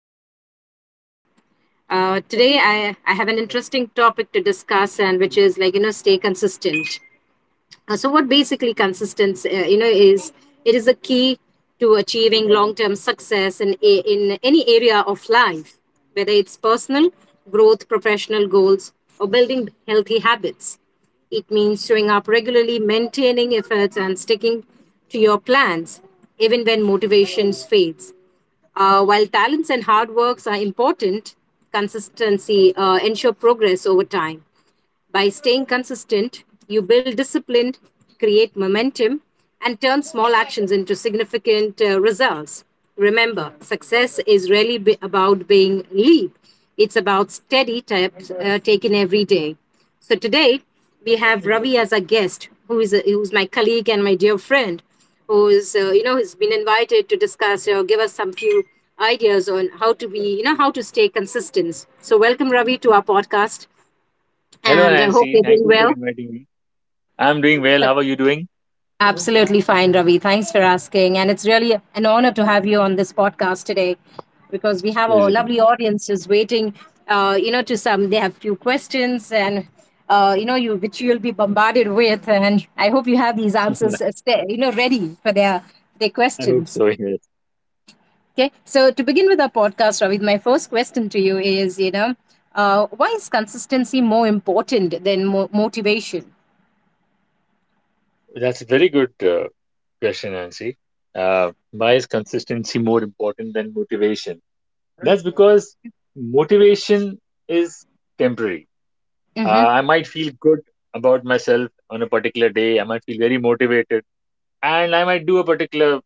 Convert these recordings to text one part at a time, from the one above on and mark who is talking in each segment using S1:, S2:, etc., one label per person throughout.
S1: to my podcast today. Today, I have an interesting topic to discuss, and which is like, stay consistent. So what basically consistency is it is a key to achieving long-term success in in any area of life, whether it's personal growth, professional goals, or building healthy habits. It means showing up regularly, maintaining efforts, and sticking to your plans even when motivation fades. While talents and hard works are important, consistency ensure progress over time. By staying consistent, you build discipline, create momentum, and turn small actions into significant results. Remember, success is really about being leap. It's about steady steps taken every day. So today we have Ravi as a guest, who's my colleague and my dear friend, who is has been invited to discuss or give us some few ideas on how to be, how to stay consistent. So welcome, Ravi, to our podcast,
S2: Hello,
S1: and I hope
S2: Nancy.
S1: you're doing
S2: Thank you for
S1: well.
S2: inviting me. I'm doing well. How are you doing?
S1: Absolutely fine, Ravi. Thanks for asking. And it's really an honor to have you on this podcast today because we have a
S2: Pleasure being.
S1: lovely audience who's waiting, to some, they have few questions, and, you which you'll be bombarded with. And I hope you have these
S2: Here.
S1: answers, ready for their
S2: I hope
S1: questions.
S2: so. Yes.
S1: Okay. So to begin with our podcast, Ravi, my first question to you is, why is consistency more important than motivation?
S2: That's a very good question, Nancy. Why is consistency more important than motivation? That's because motivation is temporary. Uh,
S1: Mm-hmm.
S2: I might feel good about myself on a particular day. I might feel very motivated, and I might do a particular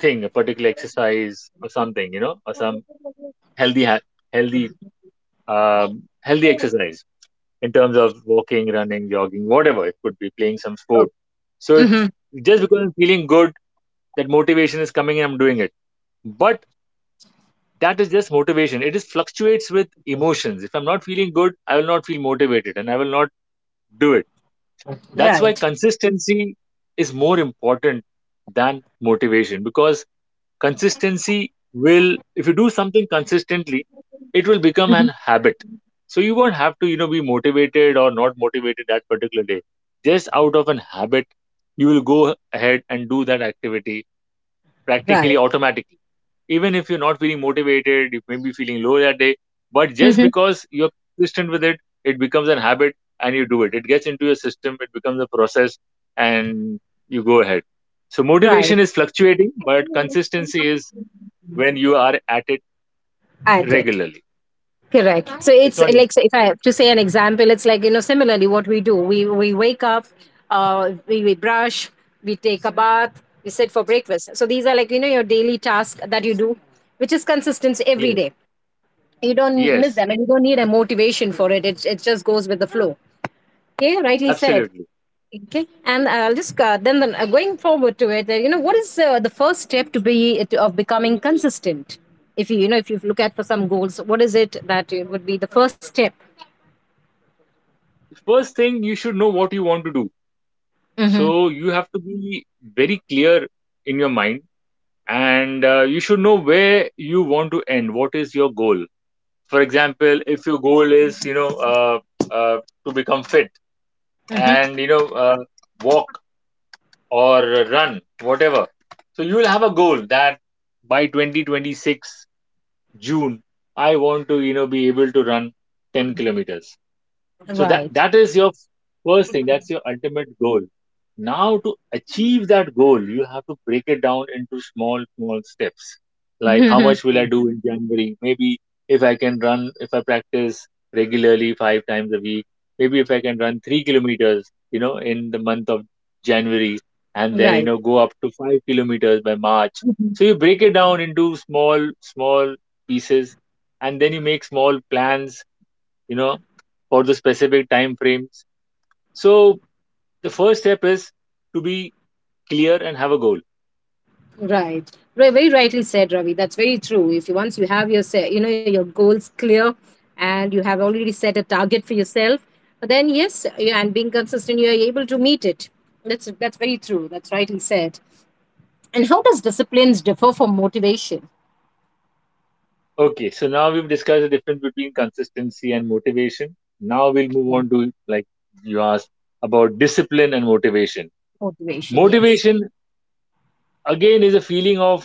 S2: thing, a particular exercise or something, you know, or some healthy, ha- healthy, healthy exercise in terms of walking, running, jogging, whatever it could be, playing some sport. So it's
S1: Hmm.
S2: just because I'm feeling good, that motivation is coming and I'm doing it. But that is just motivation. It just fluctuates with emotions. If I'm not feeling good, I will not feel motivated and I will not do it. That's why
S1: Right.
S2: consistency is more important than motivation because consistency will if you do something consistently, it will become
S1: Hmm.
S2: an habit, so you won't have to, you know, be motivated or not motivated that particular day. Just out of an habit you will go ahead and do that activity practically
S1: Right.
S2: automatically, even if you're not feeling motivated. You may be feeling low that day, but just
S1: Hmm.
S2: because you're consistent with it, it becomes an habit and you do it. It gets into your system, it becomes a process, and you go ahead. So
S1: Right.
S2: motivation is fluctuating, but consistency is when you are at it
S1: At it.
S2: regularly.
S1: Correct. So
S2: It's
S1: it's
S2: not, im-
S1: like, so if I have to say an example, it's like, similarly what we do. We wake up, we brush, we take a bath, we sit for breakfast. So these are like, your daily task that you do, which is consistent every
S2: yes,
S1: day. You don't miss
S2: yes,
S1: them, and you don't need a motivation for it. It just goes with the flow. Yeah, rightly said.
S2: absolutely.
S1: Okay, and I'll just then going forward to it. What is the first step of becoming consistent? If you, you know if you look at for some goals, what is it that it would be the first step?
S2: First thing, you should know what you want to do.
S1: Mm-hmm.
S2: So you have to be very clear in your mind, and you should know where you want to end. What is your goal? For example, if your goal is, you know, to become fit
S1: Mm-hmm.
S2: and, you know, walk or run, whatever. So you will have a goal that by 2026 June, I want to, you know, be able to run 10 kilometers. So that
S1: Right.
S2: that is your first thing. That's your ultimate goal. Now to achieve that goal, you have to break it down into small, small steps. Like how much
S1: Mm-hmm.
S2: will I do in January? Maybe if I can run, if I practice regularly five times a week, maybe if I can run 3 kilometers, you know, in the month of January, and then you
S1: Right.
S2: know go up to 5 kilometers by March. So you break it down into small, small pieces, and then you make small plans, you know, for the specific time frames. So the first step is to be clear and have a goal.
S1: Right. Right. Very rightly said, Ravi. That's very true. If you, Once you have your set, you know your goals clear, and you have already set a target for yourself, then yes, and being consistent, you are able to meet it. That's very true. That's rightly said. And how does disciplines differ from motivation?
S2: Okay, so now we've discussed the difference between consistency and motivation. Now we'll move
S1: Yeah.
S2: on to, like, you asked about discipline and motivation.
S1: Motivation, yes.
S2: Motivation again is a feeling of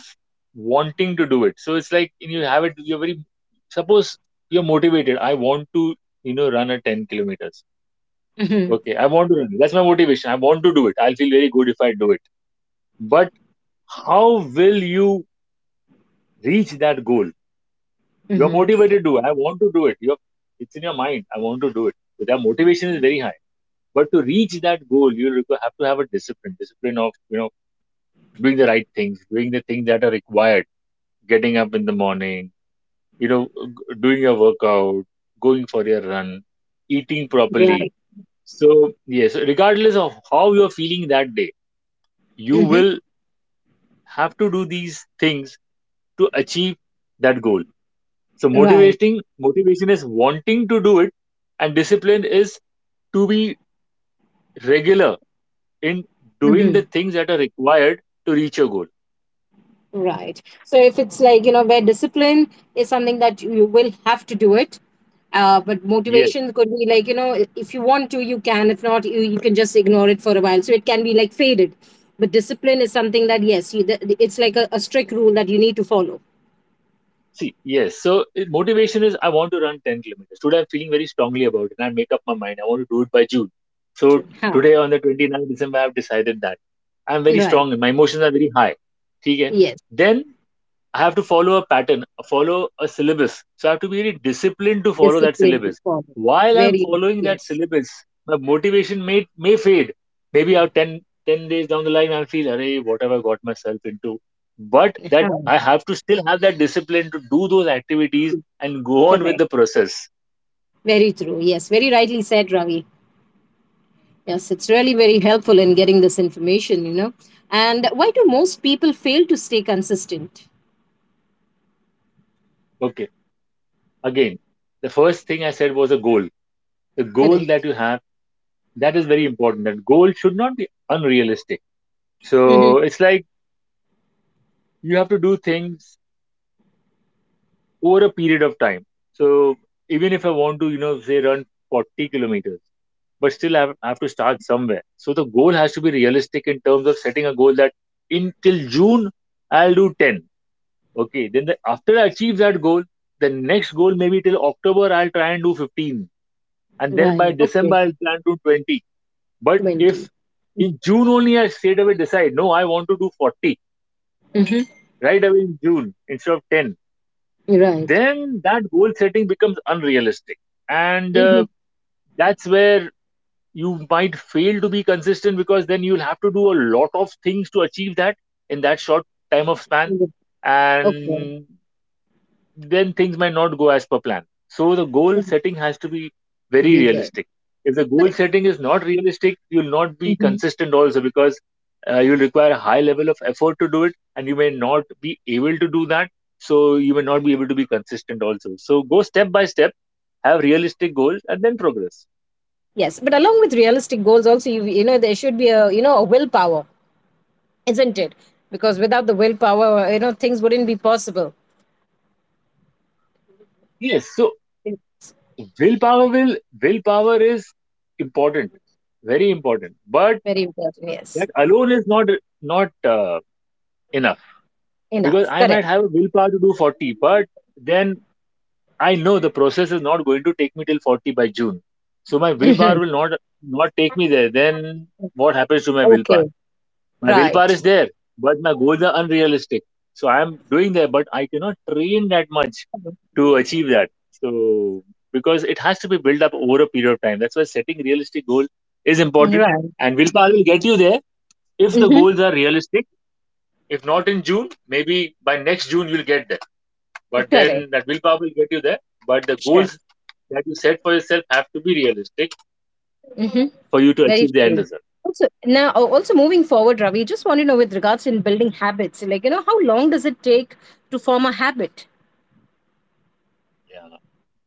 S2: wanting to do it. So it's like you have it, you're very, suppose you're motivated, I want to, you know, run a 10 kilometers,
S1: Mm-hmm.
S2: okay? I want to run, that's my motivation. I want to do it, I'll feel very good if I do it. But how will you reach that goal? You are
S1: Mm-hmm.
S2: motivated to, I want to do it, you have, it's in your mind, I want to do it, so that motivation is very high. But to reach that goal you have to have a discipline. Discipline of, you know, doing the right things, doing the things that are required, getting up in the morning, you know, doing your workout, going for your run, eating properly.
S1: Right.
S2: So yes, regardless of how you're feeling that day, you
S1: Mm-hmm.
S2: will have to do these things to achieve that goal. So
S1: Right.
S2: motivating motivation is wanting to do it, and discipline is to be regular in doing the
S1: Mm-hmm.
S2: things that are required to reach your goal.
S1: Right. So if it's like, you know, where discipline is something that you will have to do it. But
S2: Yes.
S1: motivation could be like, you know, if you want to, you can. If not, you can just ignore it for a while. So it can be like faded. But discipline is something that, yes, it's like a strict rule that you need to follow.
S2: See, yes. So motivation is I want to run 10 kilometers. Today I'm feeling very strongly about it and I make up my mind. I want to do it by June. So
S1: Sure. Huh.
S2: today on the 29th December, I've decided that. I'm very
S1: Right.
S2: strong and my emotions are very high. Okay.
S1: Yes.
S2: Then I have to follow a pattern, follow a syllabus. So I have to be really disciplined to follow that
S1: Discipline to
S2: syllabus.
S1: follow.
S2: While I'm
S1: Very,
S2: following that
S1: yes.
S2: syllabus, my motivation may fade. Maybe 10 days down the line, I'll feel, "Arey, what have I got myself into?" But
S1: Huh.
S2: that I have to still have that discipline to do those activities and go on with
S1: Correct.
S2: the process.
S1: Very true. Yes. Very rightly said, Ravi. Yes, it's really very helpful in getting this information, you know. And why do most people fail to stay consistent?
S2: Okay. Again, the first thing I said was a goal. The goal that
S1: Correct.
S2: you have, that is very important. That goal should not be unrealistic.
S1: Hmm.
S2: So it's like you have to do things over a period of time. So even if I want to, you know, say run 40 kilometers, but still I have to start somewhere. So the goal has to be realistic in terms of setting a goal that in till June I'll do 10. Okay, then after I achieve that goal, the next goal maybe till October I'll try and do 15, and then
S1: Right.
S2: by
S1: Okay.
S2: December I'll plan to do 20. But
S1: 20.
S2: if in June only I straight away decide, no, I want to do 40
S1: Mm-hmm.
S2: right away in June instead of 10,
S1: Right.
S2: then that goal setting becomes unrealistic, and
S1: Mm-hmm.
S2: that's where you might fail to be consistent, because then you'll have to do a lot of things to achieve that in that short time of span,
S1: Okay.
S2: and then things might not go as per plan. So the goal setting has to be very
S1: Be there.
S2: realistic. If the goal
S1: But.
S2: setting is not realistic, you'll not be
S1: Mhm.
S2: consistent also because you'll require a high level of effort to do it and you may not be able to do that. So you may not be able to be consistent also. So go step by step, have realistic goals and then progress.
S1: Yes, but along with realistic goals, also there should be a, a willpower, isn't it? Because without the willpower, things wouldn't be possible.
S2: Yes. So
S1: It's
S2: willpower will willpower is important, very important, but
S1: very important. Yes.
S2: that alone is not enough, because
S1: Enough.
S2: I might
S1: Correct.
S2: have a willpower to do 40, but then I know the process is not going to take me till 40 by June. So my willpower
S1: Hmm.
S2: will not take me there. Then what happens to my willpower?
S1: Okay.
S2: My willpower
S1: Right.
S2: is there, but my goals are unrealistic. So I am doing there, but I cannot train that much to achieve that. So because it has to be built up over a period of time. That's why setting realistic goal is important.
S1: Right.
S2: And willpower will get you there if the goals are realistic. If not in June, maybe by next June you'll get there, but
S1: Correct.
S2: then that willpower will get you there, but the
S1: Sure.
S2: goals that you set for yourself have to be realistic
S1: Hmm.
S2: for you to
S1: Very
S2: achieve the end
S1: true.
S2: result.
S1: Also, now also moving forward, Ravi, just want to know with regards in building habits, like, how long does it take to form a habit?
S2: Yeah,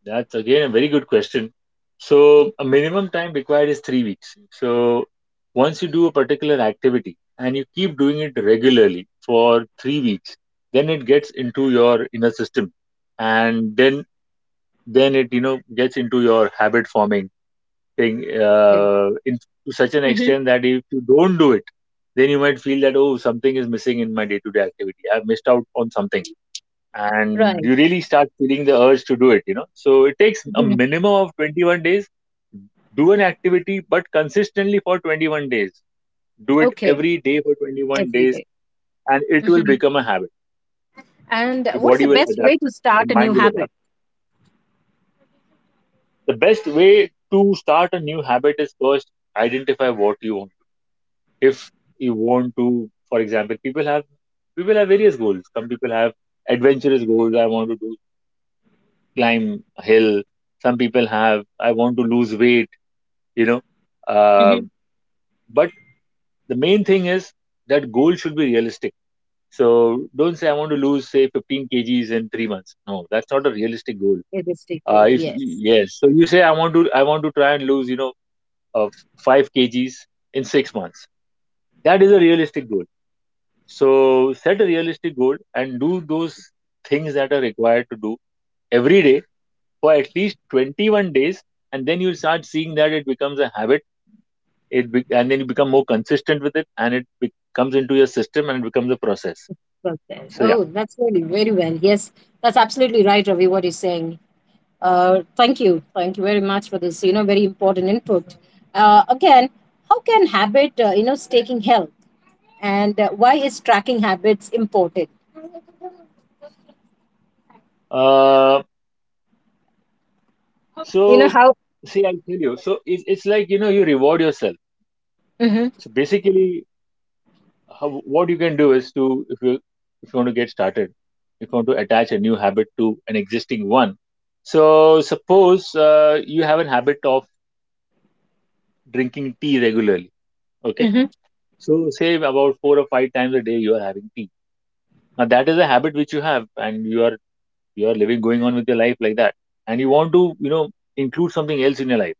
S2: that's again a very good question. So a minimum time required is 3 weeks. So once you do a particular activity and you keep doing it regularly for 3 weeks, then it gets into your inner system, and then it, you know, gets into your habit forming thing,
S1: Yeah.
S2: in to such an
S1: Hmm.
S2: extent that if you don't do it, then you might feel that, oh, something is missing in my day-to-day activity, I've missed out on something, and
S1: Right.
S2: you really start feeling the urge to do it, you know. So it takes a
S1: Hmm.
S2: minimum of 21 days. Do an activity but consistently for 21 days. Do it
S1: Okay.
S2: every day for 21
S1: Every
S2: days,
S1: day.
S2: and it will
S1: Mm-hmm.
S2: become a habit.
S1: And
S2: Your
S1: what is
S2: body
S1: the
S2: will
S1: best
S2: adapt,
S1: way to
S2: your
S1: start a new
S2: mind will
S1: habit?
S2: adapt. The best way to start a new habit is first identify what you want. If you want to, for example, people have various goals. Some people have adventurous goals, I want to do climb a hill. Some people have, I want to lose weight, you know, uh,
S1: Mm-hmm.
S2: but the main thing is that goal should be realistic. So don't say I want to lose, say, 15 kgs in 3 months, no, that's not a realistic goal.
S1: Realistic goal.
S2: If
S1: Yes.
S2: Yes, so you say I want to, I want to try and lose, you know, uh, 5 kgs in 6 months, that is a realistic goal. So set a realistic goal and do those things that are required to do every day for at least 21 days. And then you'll start seeing that it becomes a habit. It and then you become more consistent with it, and it comes into your system and it becomes a process.
S1: Process.
S2: So yeah.
S1: Oh, that's really very well. Yes, that's absolutely right, Ravi, what you're saying. Thank you. Thank you very much for this, very important input. Again, how can habit, staking help? And why is tracking habits important?
S2: Uh,
S1: You know
S2: so
S1: how?
S2: see, I'll tell you. So it's like, you know, you reward yourself.
S1: Hmm.
S2: So basically, how what you can do is to if you want to get started. If you want to attach a new habit to an existing one, so suppose you have a habit of drinking tea regularly, okay.
S1: Hmm.
S2: So say about four or five times a day you are having tea. Now that is a habit which you have, and you are living going on with your life like that. And you want to include something else in your life.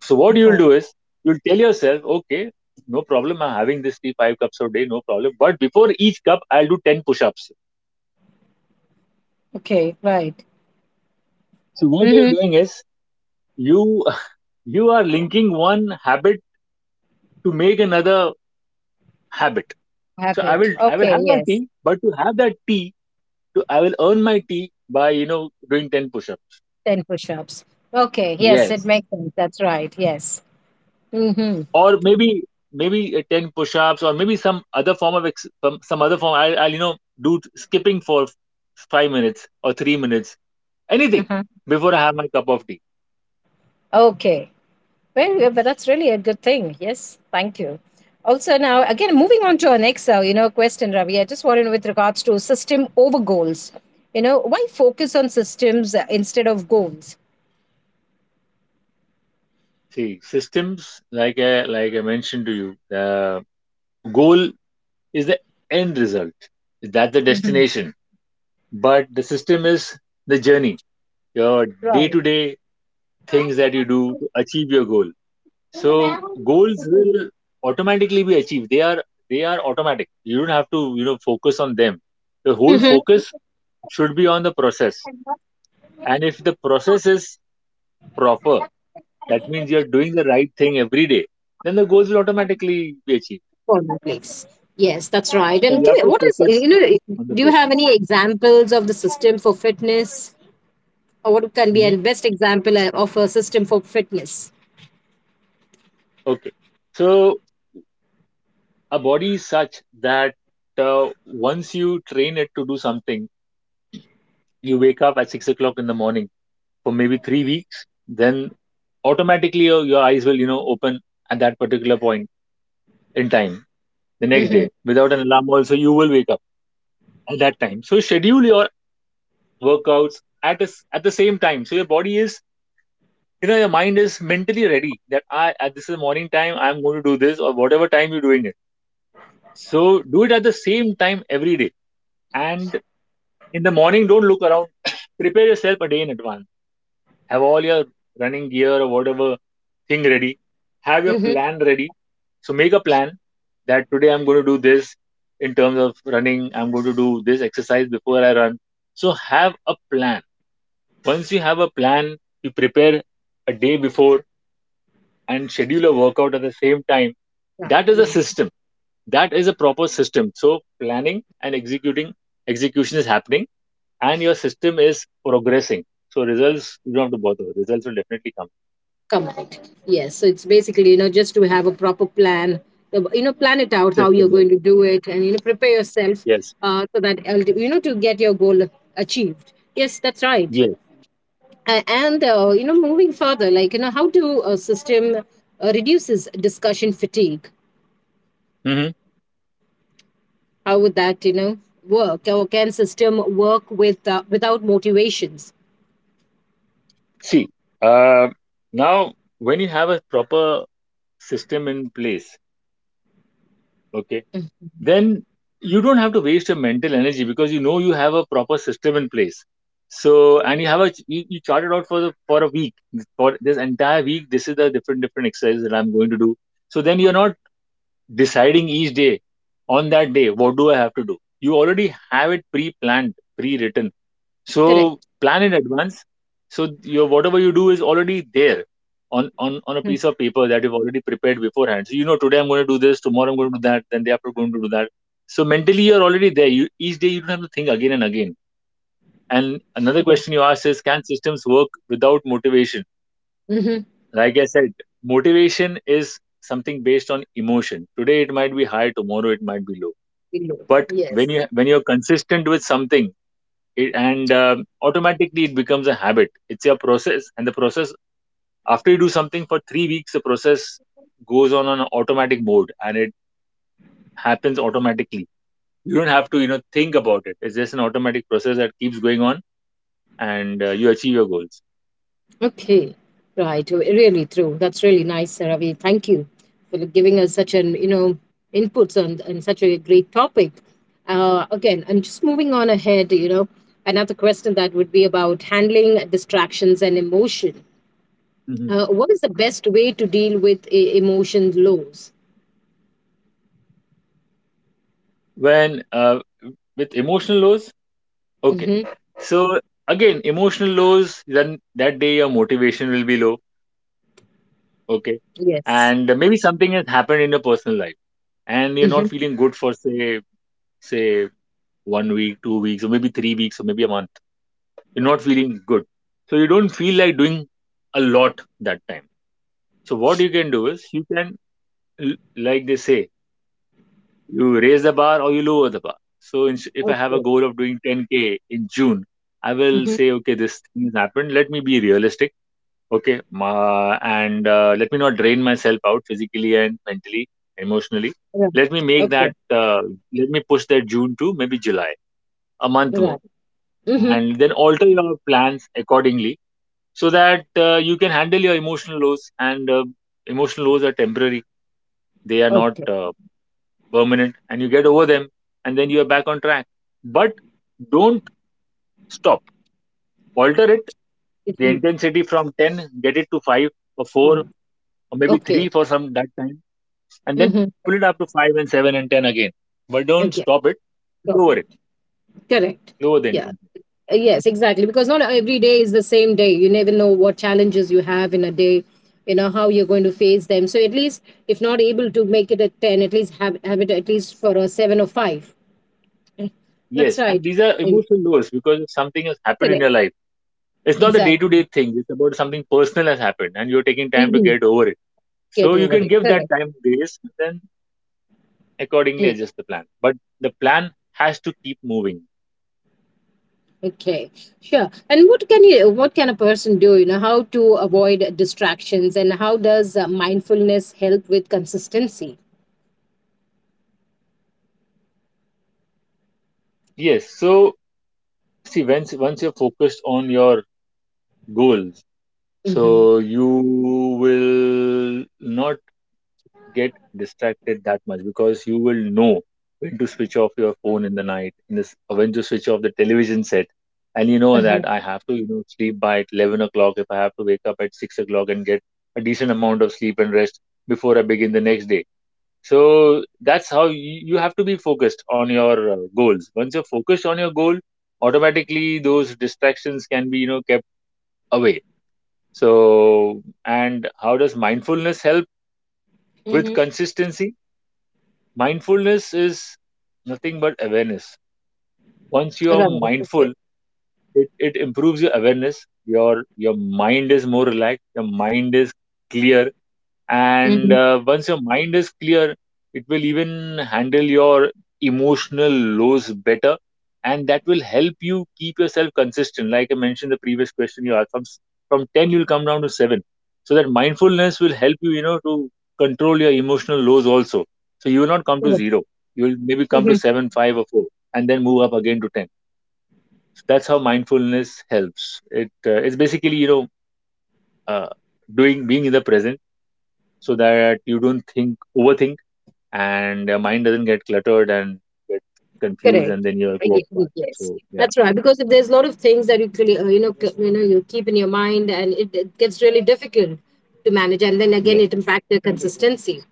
S2: So what
S1: uh
S2: you'll do is you'll tell yourself, okay, no problem, I'm having this tea, five cups a day, no problem, but before each cup, I'll do 10 push-ups.
S1: Okay, right.
S2: So what you're
S1: Hmm.
S2: doing is you you are linking one habit to make another habit. So I
S1: Habit.
S2: will I will
S1: Okay,
S2: have my
S1: yes.
S2: tea, but to have that tea, to I will earn my tea by doing 10 push-ups.
S1: 10 push ups. Okay, yes, it
S2: Yes,
S1: makes sense. That's right. Yes. Hmm.
S2: or maybe 10 push-ups, or maybe some other form of some other form. I'll do skipping for 5 minutes or 3 minutes,
S1: Uh
S2: anything
S1: huh.
S2: before I have my cup of tea.
S1: Okay. Well, yeah, but that's really a good thing. Yes, thank you. Also, now again, moving on to our next, question, Ravi. I just wanted to know with regards to system over goals. You know, why focus on systems instead of goals?
S2: See, systems, like like I mentioned to you, the goal is the end result. Is that the
S1: Hmm.
S2: destination? But the system is the journey, your day
S1: Right.
S2: to day things that you do to achieve your goal. So goals will automatically be achieved. They are automatic. You don't have to, focus on them. The whole
S1: Mm-hmm.
S2: focus should be on the process. And if the process is proper, that means you're doing the right thing every day, then the goals will automatically be achieved.
S1: Please. Yes, that's right.
S2: So
S1: And
S2: you
S1: give me
S2: have to
S1: what is, you
S2: focus
S1: know?
S2: on the
S1: Do you have
S2: process.
S1: any examples of the system for fitness, or what can be a
S2: Hmm.
S1: best example of a system for fitness?
S2: Okay. So a body is such that once you train it to do something, you wake up at 6 o'clock in the morning for maybe 3 weeks, then automatically your eyes will, open at that particular point in time the next day without an alarm. Also, you will wake up at that time. So schedule your workouts at a s at the same time. So your body is, your mind is mentally ready that I at this is the morning time, I'm going to do this, or whatever time you're doing it. So do it at the same time every day, and in the morning, don't look around. Prepare yourself a day in advance. Have all your running gear or whatever thing ready. Have your
S1: Mm-hmm.
S2: plan ready. So make a plan that today I'm going to do this. In terms of running, I'm going to do this exercise before I run. So have a plan. Once you have a plan, you prepare a day before and schedule a workout at the same time. That is a system. That is a proper system. So planning and executing execution is happening, and your system is progressing. So results, you don't have to bother. Results will definitely come.
S1: Complete. Yes. So it's basically, just to have a proper plan, plan it out how you're
S2: System, yeah.
S1: going to do it, and, prepare yourself,
S2: Yes,
S1: so that, to get your goal achieved. Yes, that's right.
S2: yes.
S1: And, moving further, like, how do a system reduces discussion fatigue?
S2: Hmm.
S1: How would that, work? Or can system work without motivations?
S2: See, uh, now, when you have a proper system in place, okay, then you don't have to waste your mental energy, because you know you have a proper system in place. So, and you have a you chart it out for the for a week for this entire week. This is the different different exercises that I'm going to do. So then you're not deciding each day on that day what do I have to do. You already have it pre-planned, pre-written, so
S1: Correct.
S2: plan in advance. So your whatever you do is already there on a
S1: Hmm.
S2: piece of paper that you've already prepared beforehand, so you know today I'm going to do this, tomorrow I'm going to do that, then day after I'm going to do that. So mentally you're already there, you each day you don't have to think again and again. And another
S1: Yeah.
S2: question you asked is, can systems work without motivation?
S1: Mm-hmm.
S2: Like I said, motivation is something based on emotion. Today it might be high, tomorrow it might be low. But when
S1: Yes.
S2: you're consistent with something, and automatically it becomes a habit. It's your process, and the process, after you do something for 3 weeks, the process goes on an automatic mode, and it happens automatically. You don't have to, think about it. It's just an automatic process that keeps going on, and you achieve your goals.
S1: Okay, right. Really true. That's really nice, Ravi. Thank you for giving us such an, inputs on and such a great topic. Again, I'm just moving on ahead. Another question that would be about handling distractions and emotion.
S2: Mhm.
S1: What is the best way to deal with emotion lows?
S2: when with emotional lows, okay,
S1: Mm-hmm.
S2: so again emotional lows, then that day your motivation will be low. Okay.
S1: Yes.
S2: And maybe something has happened in your personal life, and you're not
S1: Mm-hmm.
S2: feeling good for say one week, 2 weeks, or maybe 3 weeks, or maybe a month. You're not feeling good. So you don't feel like doing a lot that time. So what you can do is you can like they say, you raise the bar or you lower the bar. So if I have a
S1: Okay.
S2: goal of doing 10k in June, I will
S1: Mm-hmm.
S2: say, okay, this thing has happened. Let me be realistic. Okay. Ma and let me not drain myself out physically and mentally, emotionally.
S1: Right.
S2: Let me make
S1: Okay.
S2: that, uh, Let me push that June to maybe July, a month more.
S1: Right. Mm-hmm.
S2: And then alter your plans accordingly, so that you can handle your emotional lows. And emotional lows are temporary, they are not
S1: Okay.
S2: permanent, and you get over them, and then you are back on track. But don't stop, alter it,
S1: It-
S2: the intensity, from 10 get it to 5, or 4,
S1: Fine.
S2: or maybe 3
S1: Okay.
S2: for some that time, and then
S1: Mm-hmm.
S2: pull it up to 5 and 7 and 10 again. But don't
S1: Okay.
S2: stop
S1: So.
S2: it,
S1: Correct.
S2: lower the
S1: Yeah.
S2: intensity.
S1: Yes, exactly. Because not every day is the same day. You never know what challenges you have in a day, how you're going to face them. So at least, if not able to make it at 10, at least have it at least for a 7 or 5. Eh. That's
S2: Yes, and
S1: right.
S2: these are
S1: Eh.
S2: emotional lows because if something has happened in your
S1: Correct.
S2: life, it's not the day to
S1: Exactly.
S2: day things, it's about something personal has happened, and you're taking time to
S1: Hmm.
S2: get over it. So
S1: Get
S2: you
S1: over
S2: can
S1: it.
S2: give that
S1: Correct.
S2: time grace, and then accordingly
S1: Yeah.
S2: adjust the plan. But the plan has to keep moving.
S1: Okay. Sure. And what can a person do, you know, how to avoid distractions and how does mindfulness help with consistency?
S2: Yes, so see, once you're focused on your goals,
S1: Mm-hmm.
S2: so you will not get distracted that much, because you will know when to switch off your phone in the night, and this, when to switch off the television set. And you know that I
S1: Uh-huh.
S2: have to, sleep by 11 o'clock if I have to wake up at 6 o'clock and get a decent amount of sleep and rest before I begin the next day. So that's how you have to be focused on your goals. Once you're focused on your goal, automatically those distractions can be, kept away. So, and how does mindfulness help with consistency? Mindfulness is nothing but awareness. Once you are
S1: Mm-hmm.
S2: mindful, it improves your awareness. Your mind is more relaxed, your mind is clear, and
S1: Mhm.
S2: once your mind is clear, it will even handle your emotional lows better, and that will help you keep yourself consistent. Like I mentioned, the previous question you asked, from from 10 you'll come down to 7. So that mindfulness will help you, you know to control your emotional lows also, so you will not come to
S1: Correct.
S2: 0. You will maybe come to
S1: Mhm.
S2: 7 5 or 4, and then move up again to 10. So that's how mindfulness helps it. It's basically, uh, doing being in the present so that you don't think overthink, and your mind doesn't get cluttered and get confused,
S1: Correct.
S2: and then you
S1: I
S2: go off
S1: get you.
S2: path.
S1: Yes,
S2: So yeah.
S1: that's right. Because if there's a lot of things that you clearly, you keep in your mind, and it gets really difficult to manage, and then again,
S2: Yeah.
S1: it impacts your consistency.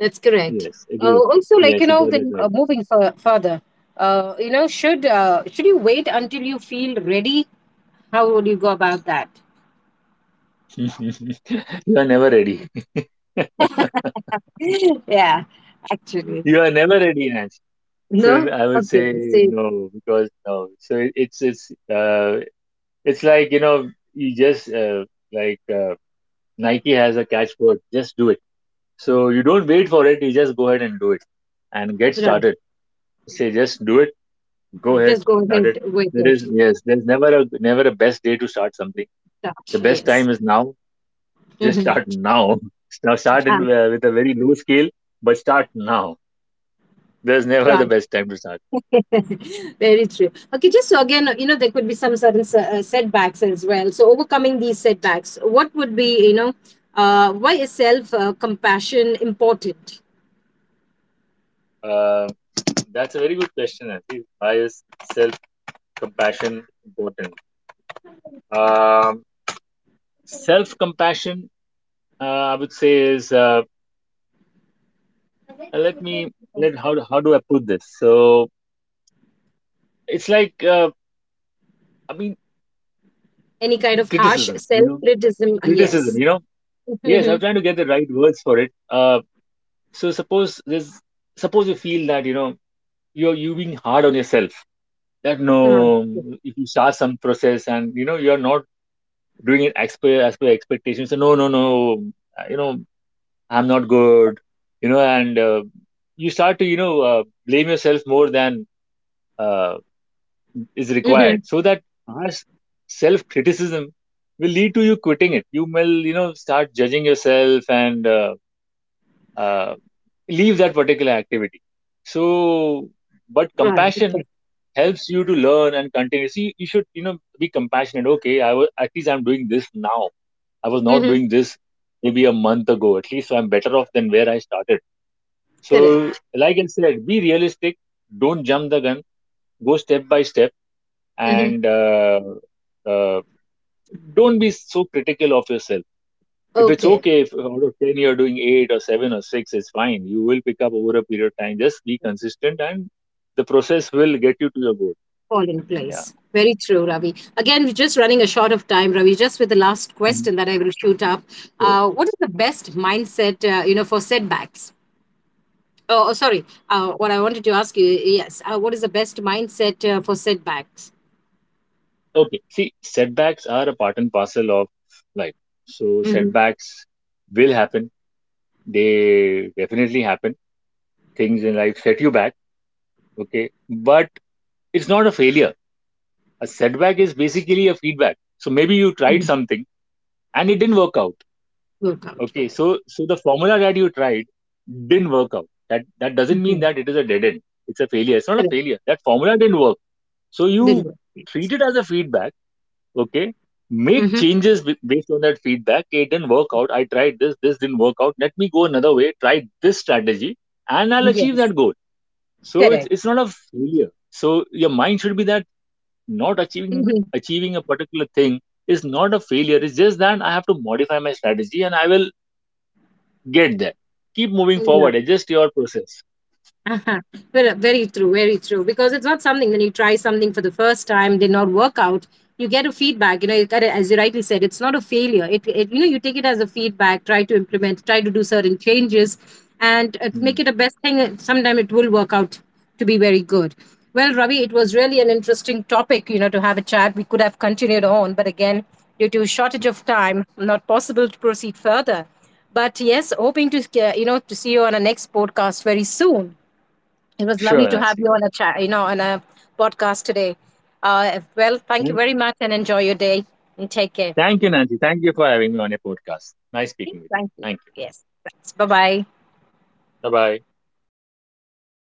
S1: That's correct.
S2: Yes, agreed.
S1: Also, like,
S2: Yes, you got that
S1: then
S2: right.
S1: moving further, should you wait until you feel ready? How would you go about that?
S2: You are never ready.
S1: Yeah, actually,
S2: You are never ready, Nancy. So
S1: no.
S2: I would
S1: Okay,
S2: say
S1: so
S2: no, because no. So it's like, you just, like uh, Nike has a catchword, just do it. So you don't wait for it, you just go ahead and do it and get
S1: right.
S2: started. Say, just do it. Go ahead,
S1: Just go
S2: start it.
S1: ahead with
S2: There is
S1: it.
S2: Yes, there's never a best day to start something. The
S1: Start.
S2: best
S1: Yes.
S2: time is now. Just
S1: Mhm.
S2: start now. Now start in,
S1: Ah.
S2: with a very low scale, but start now. There's never the
S1: Right.
S2: best time to start.
S1: Very true. Okay, just so again, you know, there could be some certain setbacks as well. So, overcoming these setbacks, what would be, why is self compassion important?
S2: Uh, that's a very good question, Andy. Why is self compassion important? Um, Self compassion, I would say, is, let me let how how do I put this? So it's like, I mean,
S1: Any kind of harsh
S2: criticism. You
S1: self
S2: know,
S1: criticism?
S2: criticism,
S1: Yes.
S2: Yes, I'm
S1: Mhm.
S2: trying to get the right words for it. So suppose there's suppose you feel that, you being hard on yourself. That
S1: Right.
S2: no, if you start some process and you know you're not doing it as per expectations. So no, no, no, you know, I'm not good. You know. And you start to, blame yourself more than, uh, is required.
S1: Mhm.
S2: So that harsh self criticism will lead to you quitting it. You will, start judging yourself and, uh, leave that particular activity. So, but
S1: Right.
S2: compassion
S1: Okay.
S2: helps you to learn and continue. See, you should, be compassionate. Okay, I was at least I'm doing this now. I was not
S1: Hmm.
S2: doing this maybe a month ago. At least I'm better off than where I started. So,
S1: Correct.
S2: like I said, be realistic. Don't jump the gun. Go step by step,
S1: Hmm.
S2: and uh, don't be so critical of yourself. If it's
S1: Okay.
S2: okay, if out of 10 you're doing 8 or 7 or 6, it's fine, you will pick up over a period of time. Just be consistent, and the process will get you to your goal.
S1: Fall in
S2: Yeah.
S1: place. Very true, Ravi. Again, we're just running a short of time, Ravi. Just with the last
S2: Mhm.
S1: question that I will shoot up,
S2: Sure.
S1: what is the best mindset, for setbacks? Oh, oh, sorry. What I wanted to ask you, yes, what is the best mindset for setbacks?
S2: Okay, see, setbacks are a part and parcel of life. So
S1: Mm-hmm.
S2: setbacks will happen, they definitely happen, things in life set you back, okay, but it's not a failure. A setback is basically a feedback. So maybe you tried
S1: Hmm.
S2: something and it didn't work out.
S1: Work out,
S2: Okay,
S1: right?
S2: so the formula that you tried didn't work out. That doesn't mean
S1: Mhm.
S2: that it is a dead end. It's a failure. It's not a
S1: Correct.
S2: failure. That formula didn't work. So
S1: Didn't
S2: you
S1: work.
S2: treat it as a feedback. Okay, make
S1: Mm-hmm.
S2: changes based on that feedback. Okay, it didn't work out. I tried this. This didn't work out. Let me go another way. Try this strategy, and I'll
S1: Mm-hmm.
S2: achieve
S1: Yes,
S2: that goal. So it's
S1: correct.
S2: it's not a failure. So your mind should be that not
S1: Mm-hmm.
S2: achieving a particular thing is not a failure. It's just that I have to modify my strategy, and I will get there. Keep moving
S1: Mm-hmm.
S2: forward. Adjust your process.
S1: Uh-huh. Well, very true, very true. Because it's not something when you try something for the first time, did not work out, you get a feedback. You got it, as you rightly said, it's not a failure. You take it as a feedback. Try to implement, try to do certain changes, and
S2: Hmm.
S1: make it a best thing. Sometimes it will work out to be very good. Well, Ravi, it was really an interesting topic, you know, to have a chat. We could have continued on, but again, due to shortage of time, not possible to proceed further. But yes, hoping to, to see you on a next podcast very soon. It was
S2: Sure,
S1: lovely to have you
S2: Nancy.
S1: on a chat, you know, on a podcast today. Well, thank you
S2: Thank
S1: very much and enjoy your day and take care.
S2: thank you, Nancy. Thank you for having me on your podcast. Nice
S1: Okay,
S2: speaking with you.
S1: thank you.
S2: Thank you.
S1: Yes, thanks. Bye bye.
S2: Bye bye.